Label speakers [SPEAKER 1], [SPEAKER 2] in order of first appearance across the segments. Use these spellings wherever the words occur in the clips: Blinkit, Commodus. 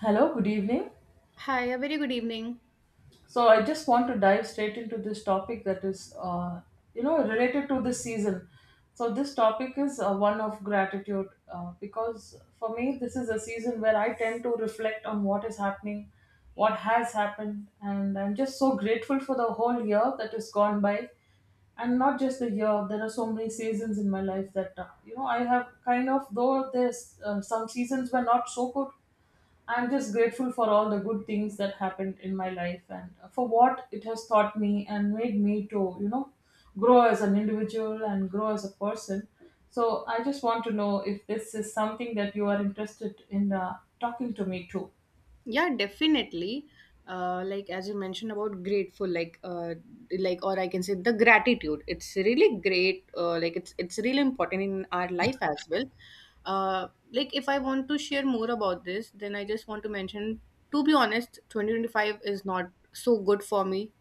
[SPEAKER 1] Hello, good evening.
[SPEAKER 2] Hi, a very good evening.
[SPEAKER 1] So I just want to dive straight into this topic that is, you know, related to this season. So this topic is one of gratitude because for me this is a season where I tend to reflect on what is happening, what has happened, and I'm just so grateful for the whole year that has gone by, and not just the year. There are so many seasons in my life that you know I have kind of though there's some seasons were not so good. I'm just grateful for all the good things that happened in my life and for what it has taught me and made me to, you know, grow as an individual and grow as a person. So I just want to know if this is something that you are interested in talking to me too.
[SPEAKER 2] Yeah, definitely. Like as you mentioned about grateful, like or I can say the gratitude. It's really great. Like it's really important in our life as well. Like if I want to share more about this, then I just want to mention. To be honest, 2025 is not so good for me,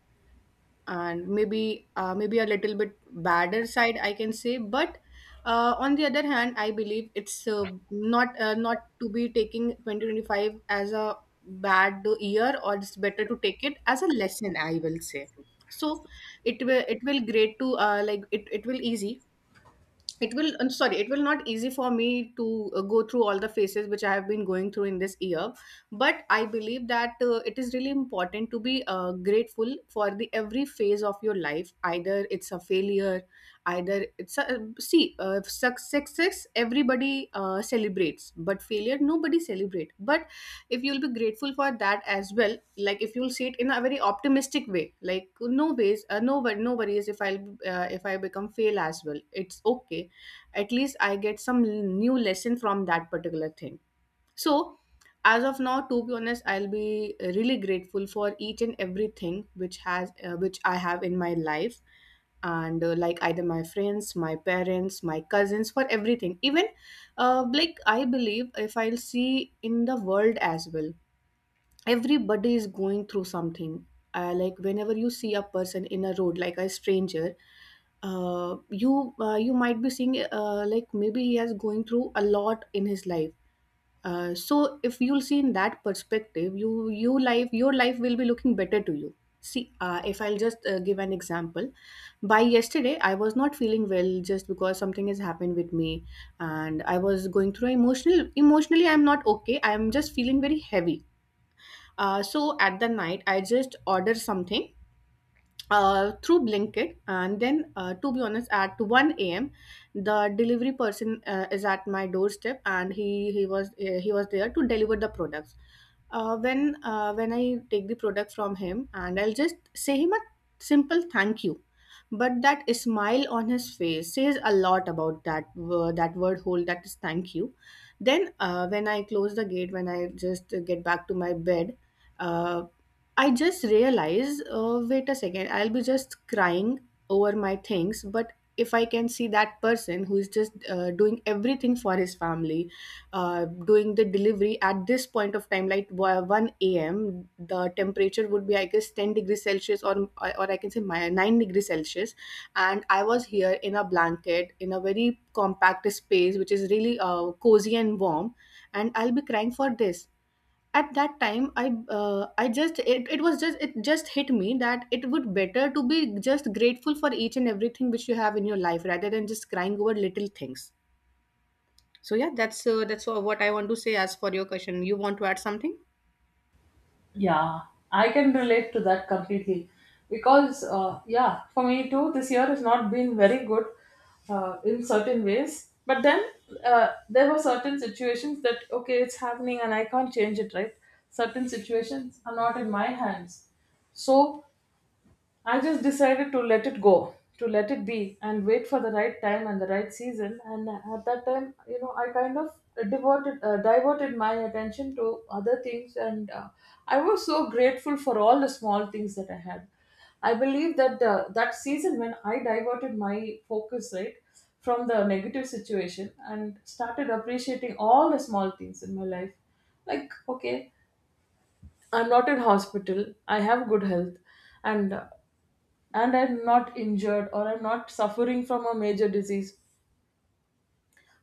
[SPEAKER 2] and maybe maybe a little bit badder side, I can say. But on the other hand, I believe it's not to be taking 2025 as a bad year, or it's better to take it as a lesson. I will say so. It will great to like it will easy, it will, I'm sorry, it will not easy for me to go through all the phases which I have been going through in this year. But I believe that it is really important to be grateful for the every phase of your life, either it's a failure, either it's a success everybody celebrates, but failure nobody celebrate. But if you'll be grateful for that as well, like if you'll see it in a very optimistic way, like no ways, no worries. If I'll if I become fail as well, it's okay. At least I get some new lesson from that particular thing. So as of now, to be honest, I'll be really grateful for each and everything which has which I have in my life, and like either my friends, my parents, my cousins, for everything. Even like I believe if I'll see in the world as well, everybody is going through something. Like whenever you see a person in a road like a stranger, you might be seeing, like maybe he has going through a lot in his life. So if you'll see in that perspective, you life your life will be looking better to you. See, if I'll just give an example, by yesterday I was not feeling well just because something has happened with me, and I was going through emotionally I'm not okay, I'm just feeling very heavy. So at the night, I just order something through Blinkit. And then to be honest, at 1 a.m., the delivery person is at my doorstep, and he was there to deliver the products. When when I take the product from him, and I'll just say him a simple thank you. But that smile on his face says a lot about that word whole. That is thank you. Then when I close the gate, when I just get back to my bed, uh, I just realize, wait a second, I'll be just crying over my things. But if I can see that person who is just doing everything for his family, doing the delivery at this point of time, like 1 a.m., the temperature would be, I guess, 10 degrees Celsius, or I can say my 9 degrees Celsius. And I was here in a blanket in a very compact space, which is really cozy and warm. And I'll be crying for this. At that time, I just it just hit me that it would better to be just grateful for each and everything which you have in your life, rather than just crying over little things. So yeah, that's all what I want to say as for your question. You want to add something?
[SPEAKER 1] Yeah, I can relate to that completely because, yeah, for me too, this year has not been very good in certain ways. But then there were certain situations that, okay, it's happening and I can't change it, right? Certain situations are not in my hands. So I just decided to let it go, to let it be, and wait for the right time and the right season. And at that time, you know, I kind of diverted my attention to other things, and I was so grateful for all the small things that I had. I believe that that season when I diverted my focus right from the negative situation and started appreciating all the small things in my life, like okay, I'm not in hospital. I have good health, and uh, and I'm not injured or I'm not suffering from a major disease.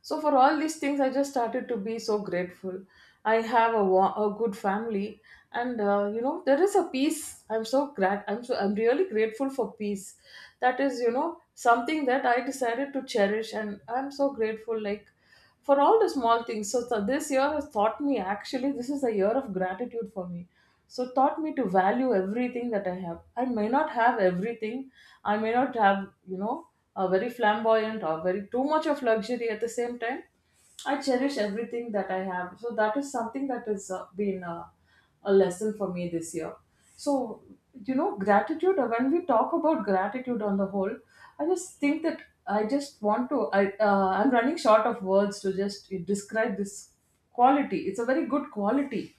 [SPEAKER 1] So for all these things, I just started to be so grateful. I have a, a good family, and you know there is a peace. I'm really grateful for peace. That is you know something that I decided to cherish, and I'm so grateful. Like for all the small things. So this year has taught me actually this is a year of gratitude for me. So taught me to value everything that I have. I may not have everything. I may not have you know a very flamboyant or very too much of luxury at the same time. I cherish everything that I have. So that is something that has been. A lesson for me this year. So, you know, gratitude, when we talk about gratitude on the whole, I just think that I just want to, I, I'm running short of words to just describe this quality. It's a very good quality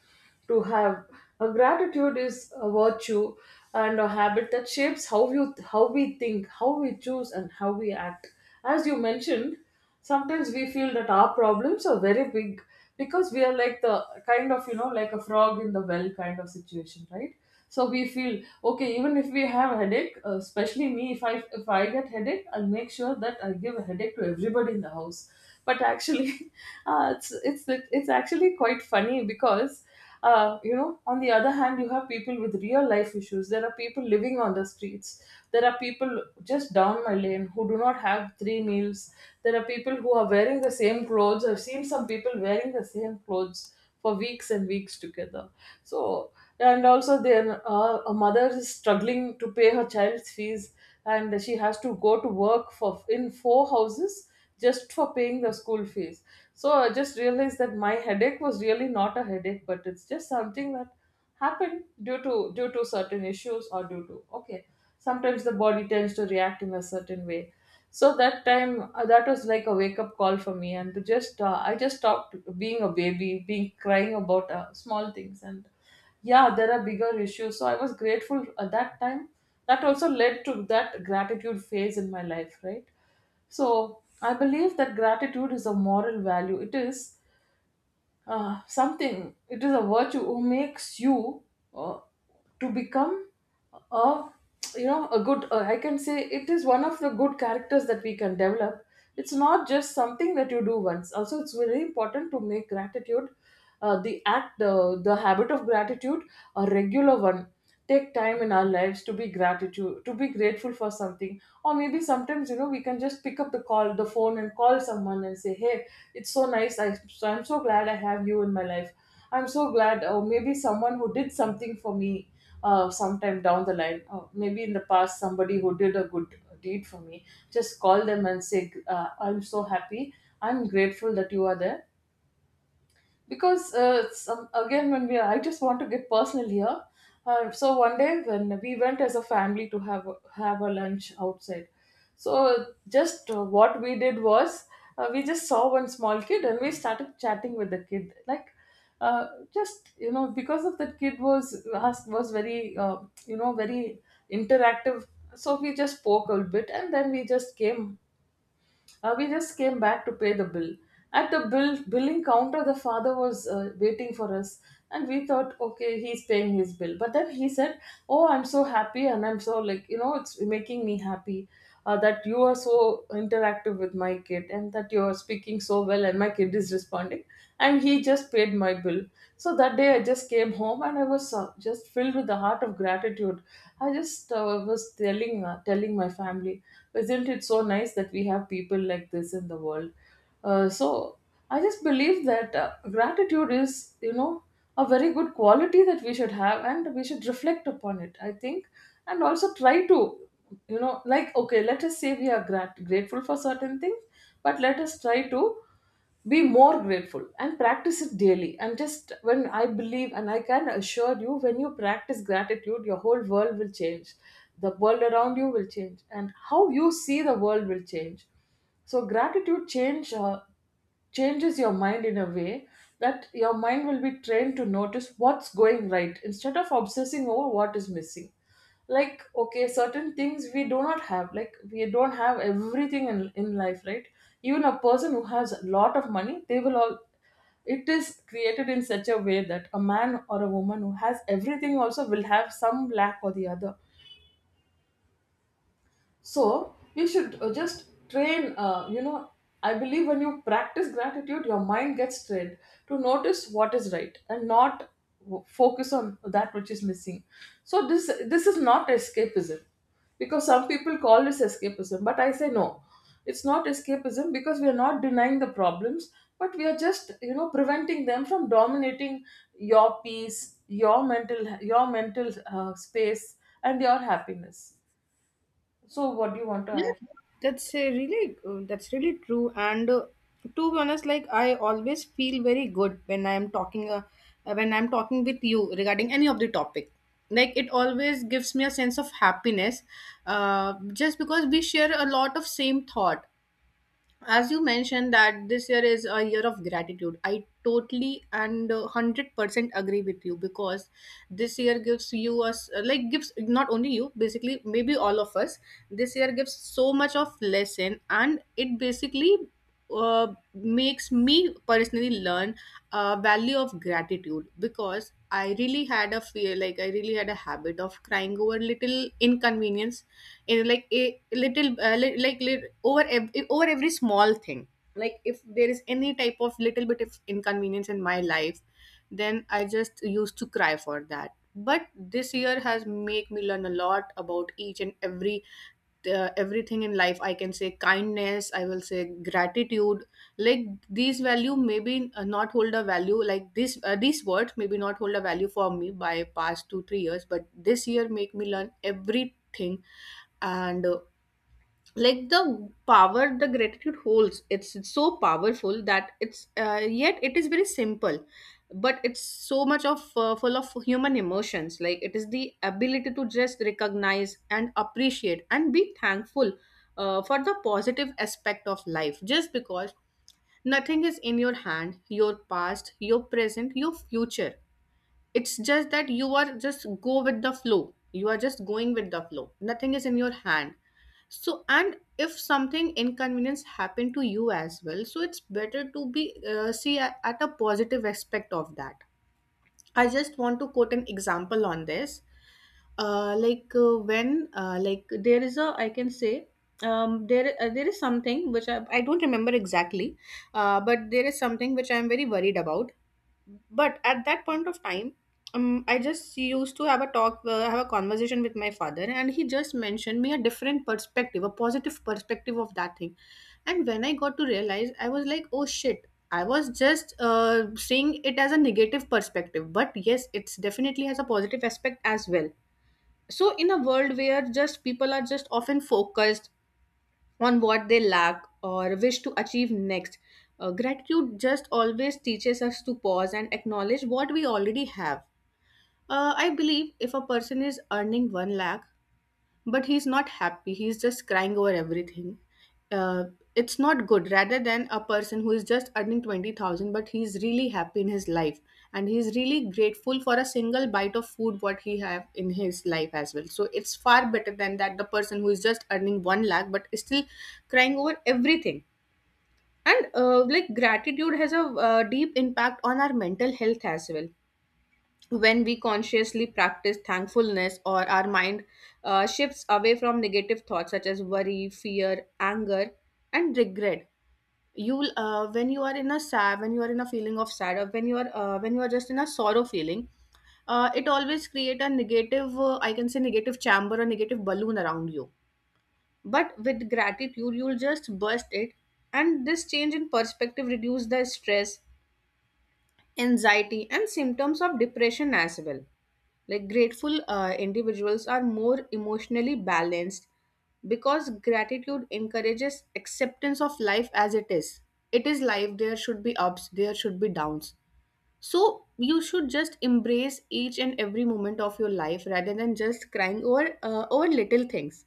[SPEAKER 1] to have. A gratitude is a virtue and a habit that shapes how we think, how we choose, and how we act. As you mentioned, sometimes we feel that our problems are very big because we are like the kind of you know like a frog in the well kind of situation, right? So we feel okay, even if we have headache, especially me, if I get headache, I'll make sure that I give a headache to everybody in the house, but actually uh, it's it's it's actually quite funny because you know on the other hand you have people with real life issues. There are people living on the streets, there are people just down my lane who do not have three meals, there are people who are wearing the same clothes. I've seen some people wearing the same clothes for weeks and weeks together. So and also there, a mother is struggling to pay her child's fees and she has to go to work for in four houses just for paying the school fees. So I just realized that my headache was really not a headache, but it's just something that happened due to certain issues or due to okay sometimes the body tends to react in a certain way. So that time, that was like a wake up call for me and to just I just stopped being a baby, being crying about small things, and yeah there are bigger issues. So I was grateful at that time. That also led to that gratitude phase in my life, right? So I believe that gratitude is a moral value. It is a virtue who makes you uh, to become a you know a good, I can say it is one of the good characters that we can develop. It's not just something that you do once also. It's very important to make gratitude the act, the habit of gratitude, a regular one. Take time in our lives to be gratitude to be grateful for something. Or maybe sometimes you know we can just pick up the phone and call someone and say hey, it's so nice. I'm so glad I have you in my life. I'm so glad. Oh, maybe someone who did something for me sometime down the line. Oh, maybe in the past somebody who did a good deed for me, just call them and say, I'm so happy, I'm grateful that you are there. Because again when we are, I just want to get personal here. So one day when we went as a family to have a lunch outside. So just what we did was, we just saw one small kid and we started chatting with the kid, like uh, just you know because of that kid was was very you know very interactive. So we just spoke a little bit and then we just came, we just came back to pay the bill. At the billing counter, the father was waiting for us, and we thought, okay, he's paying his bill. But then he said, "Oh, I'm so happy, and I'm so, like, you know, it's making me happy that you are so interactive with my kid, and that you are speaking so well, and my kid is responding." And he just paid my bill. So that day, I just came home, and I was just filled with the heart of gratitude. I just was telling my family, isn't it so nice that we have people like this in the world? So I just believe that gratitude is, you know, a very good quality that we should have and we should reflect upon it, I think, and also try to, you know, like, okay, let us say we are grateful for certain things, but let us try to be more grateful and practice it daily. And just when I believe, and I can assure you, when you practice gratitude, your whole world will change. The world around you will change and how you see the world will change. So gratitude changes your mind in a way that your mind will be trained to notice what's going right instead of obsessing over what is missing. Like okay, certain things we do not have, like we don't have everything in life, right? Even a person who has a lot of money, they will all, it is created in such a way that a man or a woman who has everything also will have some lack or the other. So you should just train. You know, I believe when you practice gratitude, your mind gets trained to notice what is right and not focus on that which is missing. So this is not escapism, because some people call this escapism, but I say no, it's not escapism because we are not denying the problems, but we are just you know preventing them from dominating your peace, your mental space, and your happiness. So, what do you want to
[SPEAKER 2] Yeah,
[SPEAKER 1] add?
[SPEAKER 2] that's really true. And to be honest, like I always feel very good when I'm talking with you regarding any of the topic. Like it always gives me a sense of happiness, just because we share a lot of same thought. As you mentioned that this year is a year of gratitude, I totally and 100% agree with you, because this year gives you us like gives not only you, basically maybe all of us. This year gives so much of lesson, and it basically makes me personally learn a value of gratitude, because I really had a fear, like I really had a habit of crying over little inconvenience, like a little over every small thing. Like if there is any type of little bit of inconvenience in my life, then I just used to cry for that. But this year has made me learn a lot about each and everything in life. I can say kindness, I will say gratitude. Like these value maybe not hold a value like this. These words maybe not hold a value for me by past 2 3 years, but this year make me learn everything. And like the power the gratitude holds, it's so powerful that it's, yet it is very simple, but it's so much of full of human emotions. Like it is the ability to just recognize and appreciate and be thankful for the positive aspect of life, just because nothing is in your hand, your past, your present, your future. It's just that you are just go with the flow. You are just going with the flow. Nothing is in your hand. So, and if something inconvenience happened to you as well, so it's better to be at a positive aspect of that. I just want to quote an example on this. When like there is a I can say, there is something which I don't remember exactly, but there is something which I am very worried about. But at that point of time, I just used to have a conversation with my father, and he just mentioned me a different perspective, a positive perspective of that thing. And when I got to realize, I was like, oh shit, I was just seeing it as a negative perspective, but yes, it's definitely has a positive aspect as well. So in a world where just people are just often focused on what they lack or wish to achieve next. Gratitude just always teaches us to pause and acknowledge what we already have. I believe if a person is earning 1 lakh, but he's not happy, he's just crying over everything, uh, it's not good, rather than a person who is just earning 20,000 but he's really happy in his life, and he's really grateful for a single bite of food what he have in his life as well. So it's far better than that, the person who is just earning 1 lakh but is still crying over everything. And like gratitude has a deep impact on our mental health as well. When we consciously practice thankfulness, or our mind shifts away from negative thoughts such as worry, fear, anger, and regret, you'll when you are in a sad, when you are in a feeling of sad, or when you are just in a sorrow feeling, it always create a negative, I can say, negative chamber or negative balloon around you. But with gratitude, you'll just burst it. And this change in perspective reduce the stress, anxiety, and symptoms of depression as well. Like grateful individuals are more emotionally balanced, because gratitude encourages acceptance of life as it is. It is life, there should be ups, there should be downs. So you should just embrace each and every moment of your life, rather than just crying over little things.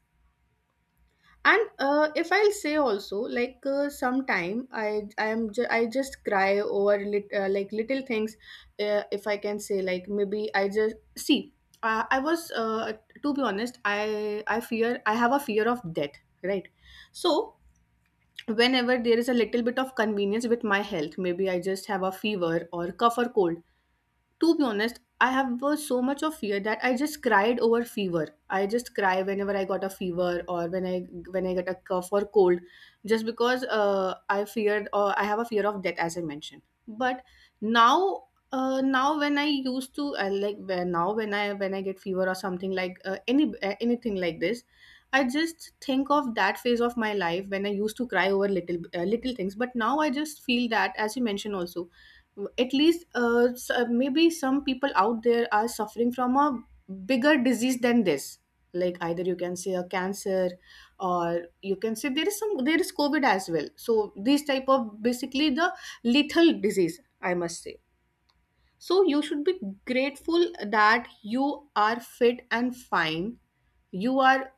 [SPEAKER 2] And if I'll say also, like sometime I just cry over like little things. If I can say, like maybe I just see, I was to be honest, I fear, I have a fear of death, right? So whenever there is a little bit of convenience with my health, maybe I just have a fever or cough or cold. To be honest, I have so much of fear that I just cried over fever. I just cry whenever I got a fever or when I get a cough or cold, just because I feared, or I have a fear of death, as I mentioned. But now, now when I used to like now when I get fever or something like anything like this, I just think of that phase of my life when I used to cry over little things. But now I just feel that, as you mentioned also, at least maybe some people out there are suffering from a bigger disease than this, like either you can say a cancer or you can say there is covid as well. So these type of basically the lethal disease, I must say. So you should be grateful that you are fit and fine, you are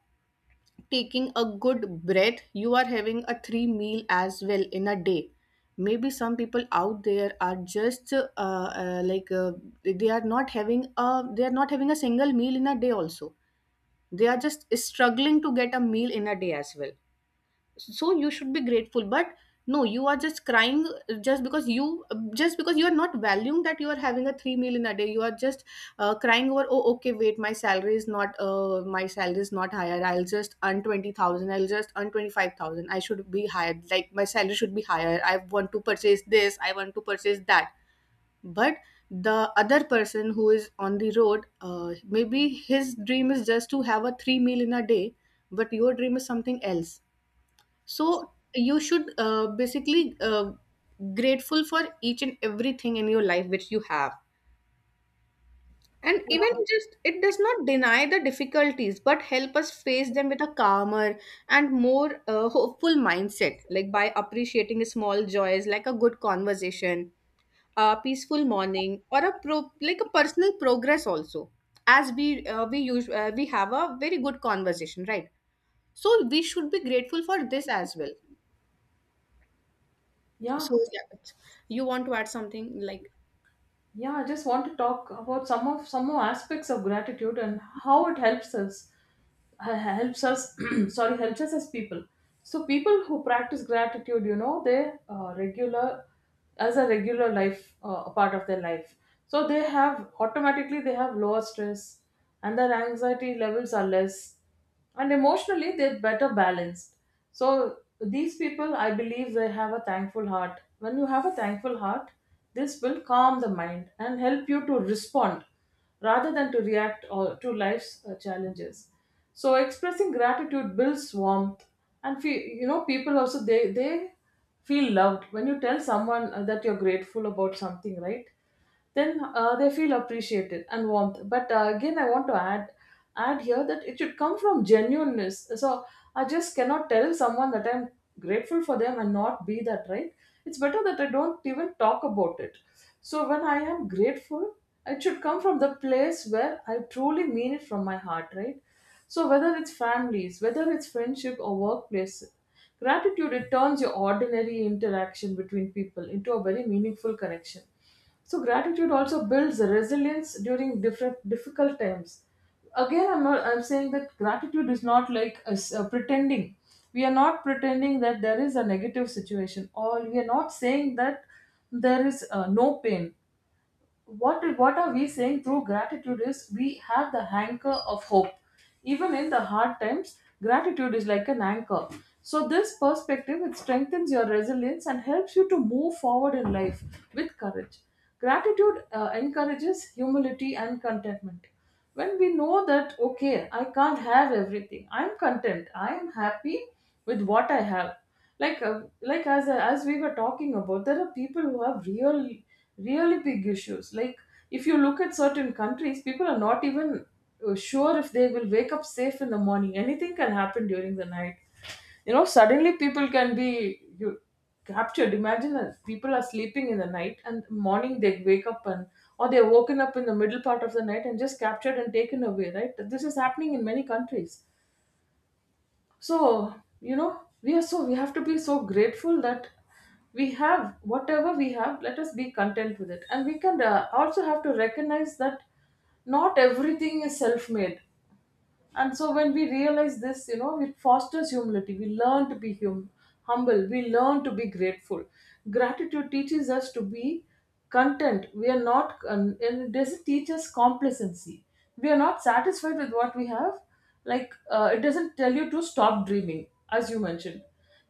[SPEAKER 2] taking a good breath, you are having a three meal as well in a day. Maybe some people out there are just like they are not having a they are not having a single meal in a day also. They are just struggling to get a meal in a day as well, so you should be grateful, but no, you are just crying just because you, just because you are not valuing that you are having a three meal in a day. You are just crying over, oh okay, wait, my salary is not higher. I'll just earn 20,000, I'll just earn 25,000. I should be higher, like my salary should be higher. I want to purchase this, I want to purchase that. But the other person who is on the road, maybe his dream is just to have a three meal in a day, but your dream is something else. So you should, basically, grateful for each and everything in your life which you have. And even, just, it does not deny the difficulties but help us face them with a calmer and more hopeful mindset, like by appreciating small joys like a good conversation, a peaceful morning, or a pro, like a personal progress also. As we have a very good conversation, right? So we should be grateful for this as well.
[SPEAKER 1] Yeah,
[SPEAKER 2] So yeah, you want to add something like...
[SPEAKER 1] yeah. I just want to talk about some more aspects of gratitude and how it helps us. Helps us. Sorry, helps us as people. So, people who practice gratitude, you know, they regular as a regular life a part of their life. So they have automatically they have lower stress, and their anxiety levels are less, and emotionally they're better balanced. So these people, I believe, they have a thankful heart. When you have a thankful heart, this will calm the mind and help you to respond rather than to react or to life's challenges. So expressing gratitude builds warmth and people also they feel loved. When you tell someone that you're grateful about something, right, then they feel appreciated and warmth. But again, I want to add here that it should come from genuineness. So I just cannot tell someone that I'm grateful for them and not be that, right? It's better that I don't even talk about it. So when I am grateful, it should come from the place where I truly mean it from my heart, right? So whether it's families, whether it's friendship or workplace, gratitude, it turns your ordinary interaction between people into a very meaningful connection. So gratitude also builds resilience during different difficult times. Again, I'm not. I'm saying that gratitude is not like us pretending. We are not pretending that there is a negative situation, or we are not saying that there is no pain. What are we saying through gratitude is we have the anchor of hope. Even in the hard times, gratitude is like an anchor. So this perspective, it strengthens your resilience and helps you to move forward in life with courage. Gratitude encourages humility and contentment. When we know that, okay, I can't have everything, I'm content, I am happy with what I have. Like uh, like as as we were talking about, there are people who have really big issues. Like, if you look at certain countries, people are not even sure if they will wake up safe in the morning. Anything can happen during the night. You know, suddenly people can be you captured. Imagine that people are sleeping in the night and morning they wake up, and or they're woken up in the middle part of the night and just captured and taken away, right? This is happening in many countries. So, you know, we are so, we have to be so grateful that we have whatever we have. Let us be content with it, and we can also have to recognize that not everything is self made. And so when we realize this, you know, it fosters humility. We learn to be humble. We learn to be grateful. Gratitude teaches us to be content. We are not, and it doesn't teach us complacency. We are not satisfied with what we have. Like, it doesn't tell you to stop dreaming. As you mentioned,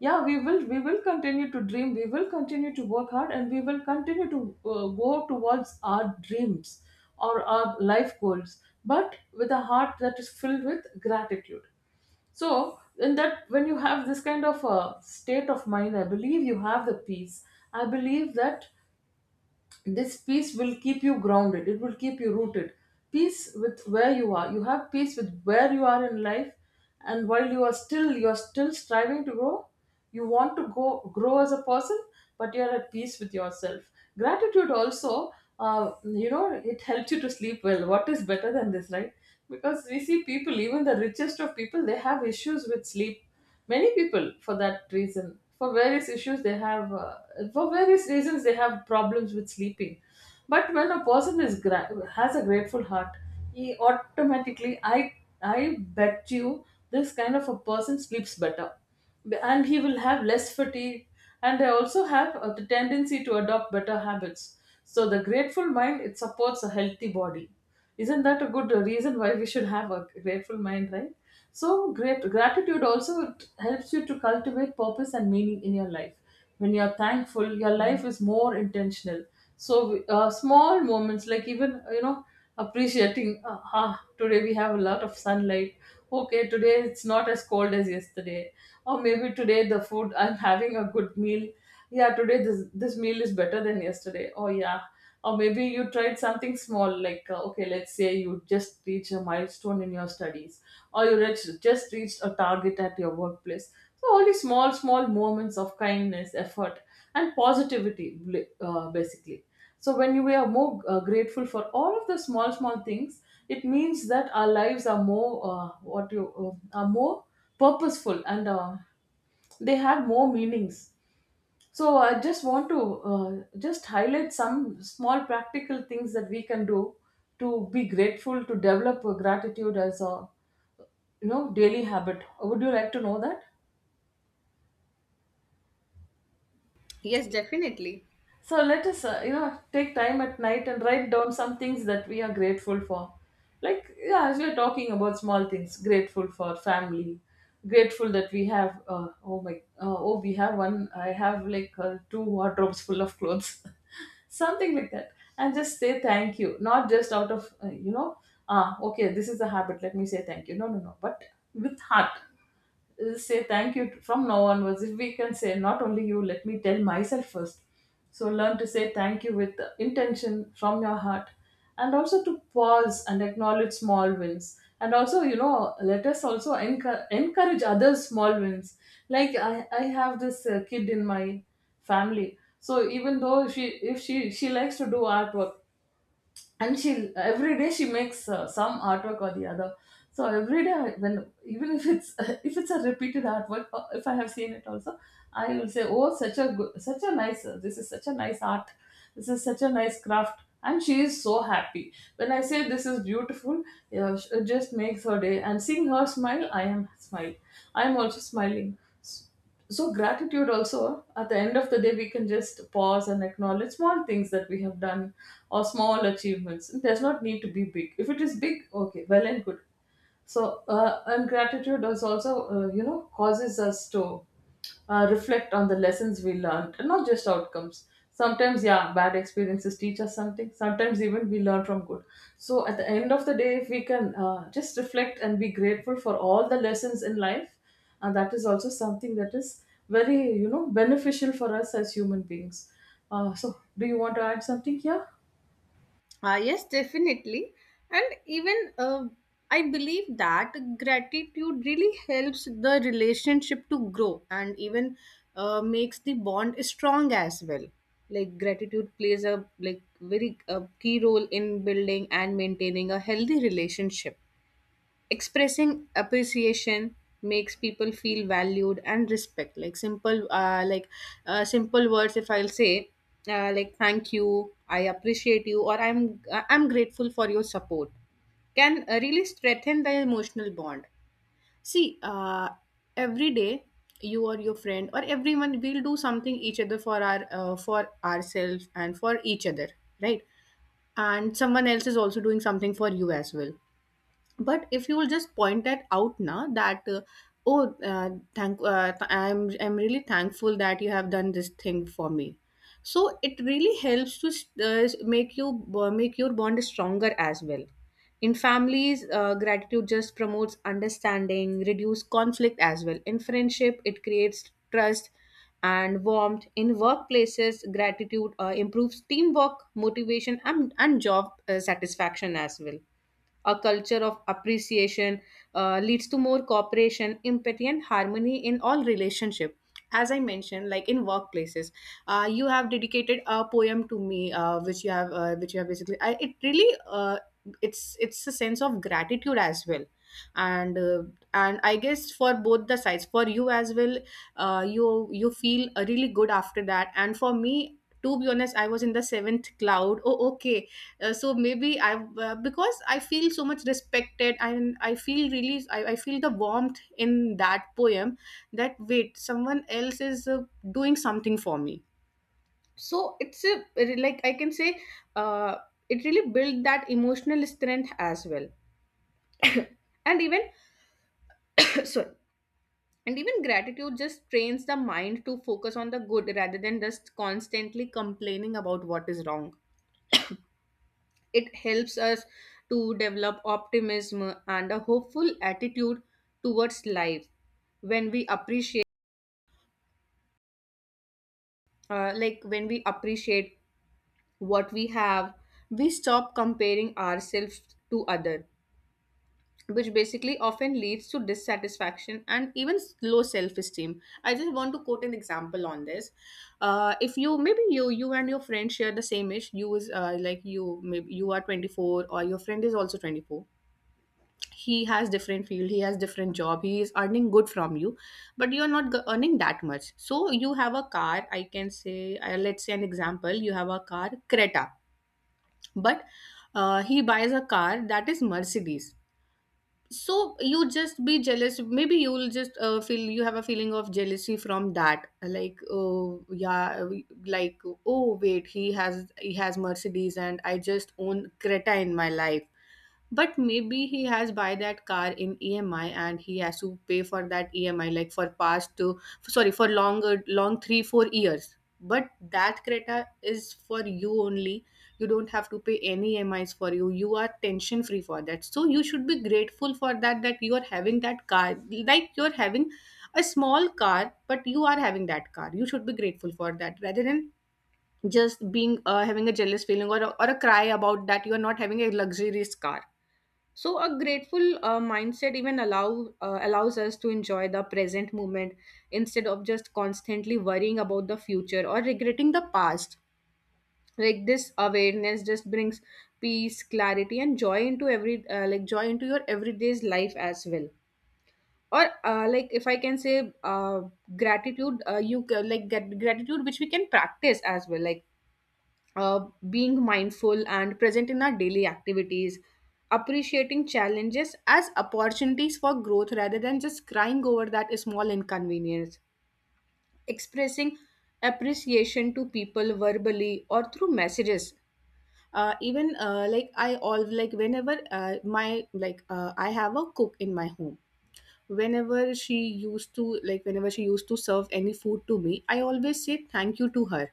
[SPEAKER 1] yeah, we will continue to dream, we will continue to work hard, and we will continue to go towards our dreams or our life goals, but with a heart that is filled with gratitude. So in that, when you have this kind of a state of mind, I believe you have the peace. I believe that this peace will keep you grounded, it will keep you rooted. Peace with where you are, you have peace with where you are in life. And while you are still striving to grow, you want to go grow as a person, but you are at peace with yourself. Gratitude also, you know, it helps you to sleep well. What is better than this, right? Because we see people, even the richest of people, they have issues with sleep. Many people, for that reason, for various issues they have, for various reasons they have problems with sleeping. But when a person has a grateful heart, he automatically, I bet you, this kind of a person sleeps better. And he will have less fatigue, and they also have the tendency to adopt better habits. So the grateful mind, it supports a healthy body. Isn't that a good reason why we should have a grateful mind, right? So great gratitude also, it helps you to cultivate purpose and meaning in your life. When you're thankful, your life is more intentional. So small moments, like, even, you know, appreciating, today we have a lot of sunlight. Okay, today it's not as cold as yesterday. Or maybe today the food, I'm having a good meal. Yeah, today this meal is better than yesterday. Oh yeah. Or maybe you tried something small, like, okay, let's say you just reach a milestone in your studies, or you reach, just reached a target at your workplace. So all these small, small moments of kindness, effort, and positivity, basically, so when we are more grateful for all of the small, small things, it means that our lives are more what you are more purposeful and they have more meanings. So I just want to just highlight some small practical things that we can do to be grateful, to develop a gratitude as a, you know, daily habit. Would you like to know that?
[SPEAKER 2] Yes, definitely.
[SPEAKER 1] So let us, you know, take time at night and write down some things that we are grateful for. Like, yeah, as we're talking about small things, grateful for family, grateful that we have, we have one, I have like two wardrobes full of clothes, something like that. And just say thank you, not just out of, you know, okay, this is a habit, let me say thank you. No, no, no, but with heart. Say thank you. From now onwards, if we can say, not only you, let me tell myself first. So learn to say thank you with intention from your heart. And also to pause and acknowledge small wins, and also, you know, let us also encourage other small wins. Like I have this kid in my family. So even though she, if she likes to do artwork, and she every day she makes some artwork or the other. So every day I- when, even if it's if it's a repeated artwork, or if I have seen it also, I will say, oh, such a good, such a nice, this is such a nice art, this is such a nice craft, and she is so happy when I say this is beautiful. Yeah, it just makes her day, and seeing her smile, I am also smiling. So gratitude also, at the end of the day, we can just pause and acknowledge small things that we have done, or small achievements. It does not need to be big. If it is big, okay, well and good. So, and gratitude is also, you know, causes us to reflect on the lessons we learned, and not just outcomes. Sometimes, yeah, bad experiences teach us something. Sometimes, even we learn from good. So, at the end of the day, if we can just reflect and be grateful for all the lessons in life, and that is also something that is very, you know, beneficial for us as human beings. So, do you want to add something here?
[SPEAKER 2] Yes, definitely. And even, I believe that gratitude really helps the relationship to grow, and even makes the bond strong as well. Like, gratitude plays a, like, very, key role in building and maintaining a healthy relationship. Expressing appreciation makes people feel valued and respect, like simple words, if I'll say, like thank you, I appreciate you, or I'm grateful for your support, can really strengthen the emotional bond. See, every day, you or your friend or everyone will do something each other for our for ourselves and for each other, right? And someone else is also doing something for you as well. But if you will just point that out now that, oh thank th- I'm really thankful that you have done this thing for me. So it really helps to uh, make you make your bond stronger as well. In families, gratitude just promotes understanding, reduce conflict as well. In friendship, it creates trust and warmth. In workplaces, gratitude improves teamwork, motivation, and job satisfaction as well. A culture of appreciation leads to more cooperation, empathy, and harmony in all relationship. As I mentioned, like in workplaces, you have dedicated a poem to me, which you have basically. It really, it's a sense of gratitude as well, and uh, and I guess for both the sides, for you as well, you feel really good after that, and for me, to be honest, I was in the seventh cloud. Oh, okay. Uh, so maybe i uh, because i feel so much respected, and I feel the warmth in that poem, that wait, someone else is doing something for me. So it's a, like, I can say, uh, it really built that emotional strength as well. And even, sorry, and even gratitude just trains the mind to focus on the good rather than just constantly complaining about what is wrong. It helps us to develop optimism and a hopeful attitude towards life. When we appreciate uh, like when we appreciate what we have, we stop comparing ourselves to other, which basically often leads to dissatisfaction and even low self-esteem. I just want to quote an example on this. If you, maybe you and your friend share the same age, you is, like, you maybe you are 24, or your friend is also 24. He has different field, he has different job, he is earning good from you. But you are not earning that much. So you have a car, I can say, let's say an example, you have a car Creta. But he buys a car that is Mercedes. So you just be jealous, maybe you will just feel, you have a feeling of jealousy from that, like, oh yeah, like, oh wait, he has Mercedes, and I just own Creta in my life. But maybe he has buy that car in EMI, and he has to pay for that EMI like for past to, sorry, for longer, long three, 4 years. But that Creta is for you only. You don't have to pay any EMIs for you. You are tension free for that. So you should be grateful for that, that you are having that car. Like, you're having a small car, but you are having that car. You should be grateful for that rather than just being, having a jealous feeling, or, or a cry about that you are not having a luxurious car. So a grateful mindset even allows us to enjoy the present moment instead of just constantly worrying about the future or regretting the past. Like, this awareness just brings peace, clarity, and joy into every, like, joy into your everyday's life as well. Or, like, if I can say, gratitude, like, get gratitude which we can practice as well. Like, being mindful and present in our daily activities, appreciating challenges as opportunities for growth rather than just crying over that small inconvenience, expressing appreciation to people verbally or through messages. Even like I all like whenever my like I have a cook in my home. Whenever she used to serve any food to me, I always say thank you to her,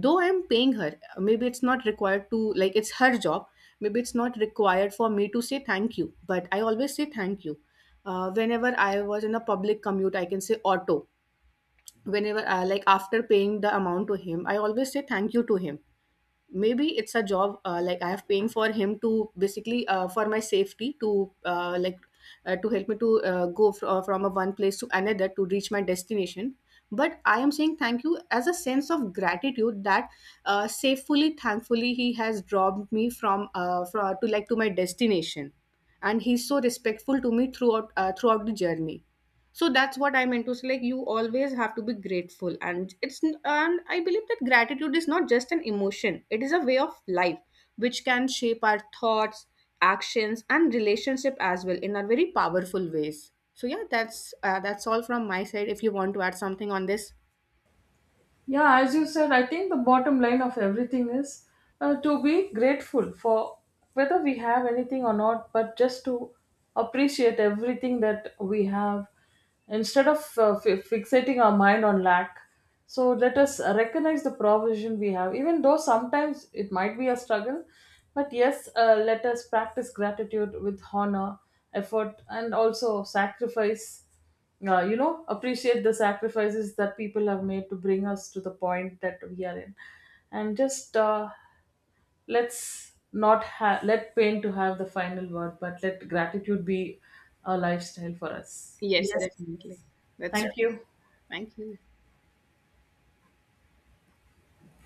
[SPEAKER 2] though I'm paying her. Maybe it's not required to, like, it's her job. Maybe it's not required for me to say thank you, but I always say thank you. Whenever I was in a public commute, I can say auto, whenever like, after paying the amount to him, I always say thank you to him. Maybe it's a job, like, I have paying for him to basically, for my safety, to, like, to help me to, go, from a one place to another to reach my destination. But I am saying thank you as a sense of gratitude that, safely, thankfully, he has dropped me from, from to, like, to my destination. And he's so respectful to me throughout throughout the journey. So that's what I meant, into, so, like, you always have to be grateful, and and I believe that gratitude is not just an emotion, it is a way of life, which can shape our thoughts, actions, and relationship as well in a very powerful ways. So yeah, that's that's all from my side, if you want to add something on this.
[SPEAKER 1] Yeah, as you said, I think the bottom line of everything is to be grateful for whether we have anything or not, but just to appreciate everything that we have instead of fi fixating our mind on lack. So let us recognize the provision we have, even though sometimes it might be a struggle. But yes, let us practice gratitude with honor, effort, and also sacrifice. You know, appreciate the sacrifices that people have made to bring us to the point that we are in. And just let's not ha- let pain to have the final word, but let gratitude be a lifestyle for us.
[SPEAKER 2] Yes,
[SPEAKER 1] Yes.
[SPEAKER 2] definitely. That's
[SPEAKER 1] Thank
[SPEAKER 2] true.
[SPEAKER 1] you.
[SPEAKER 2] Thank you.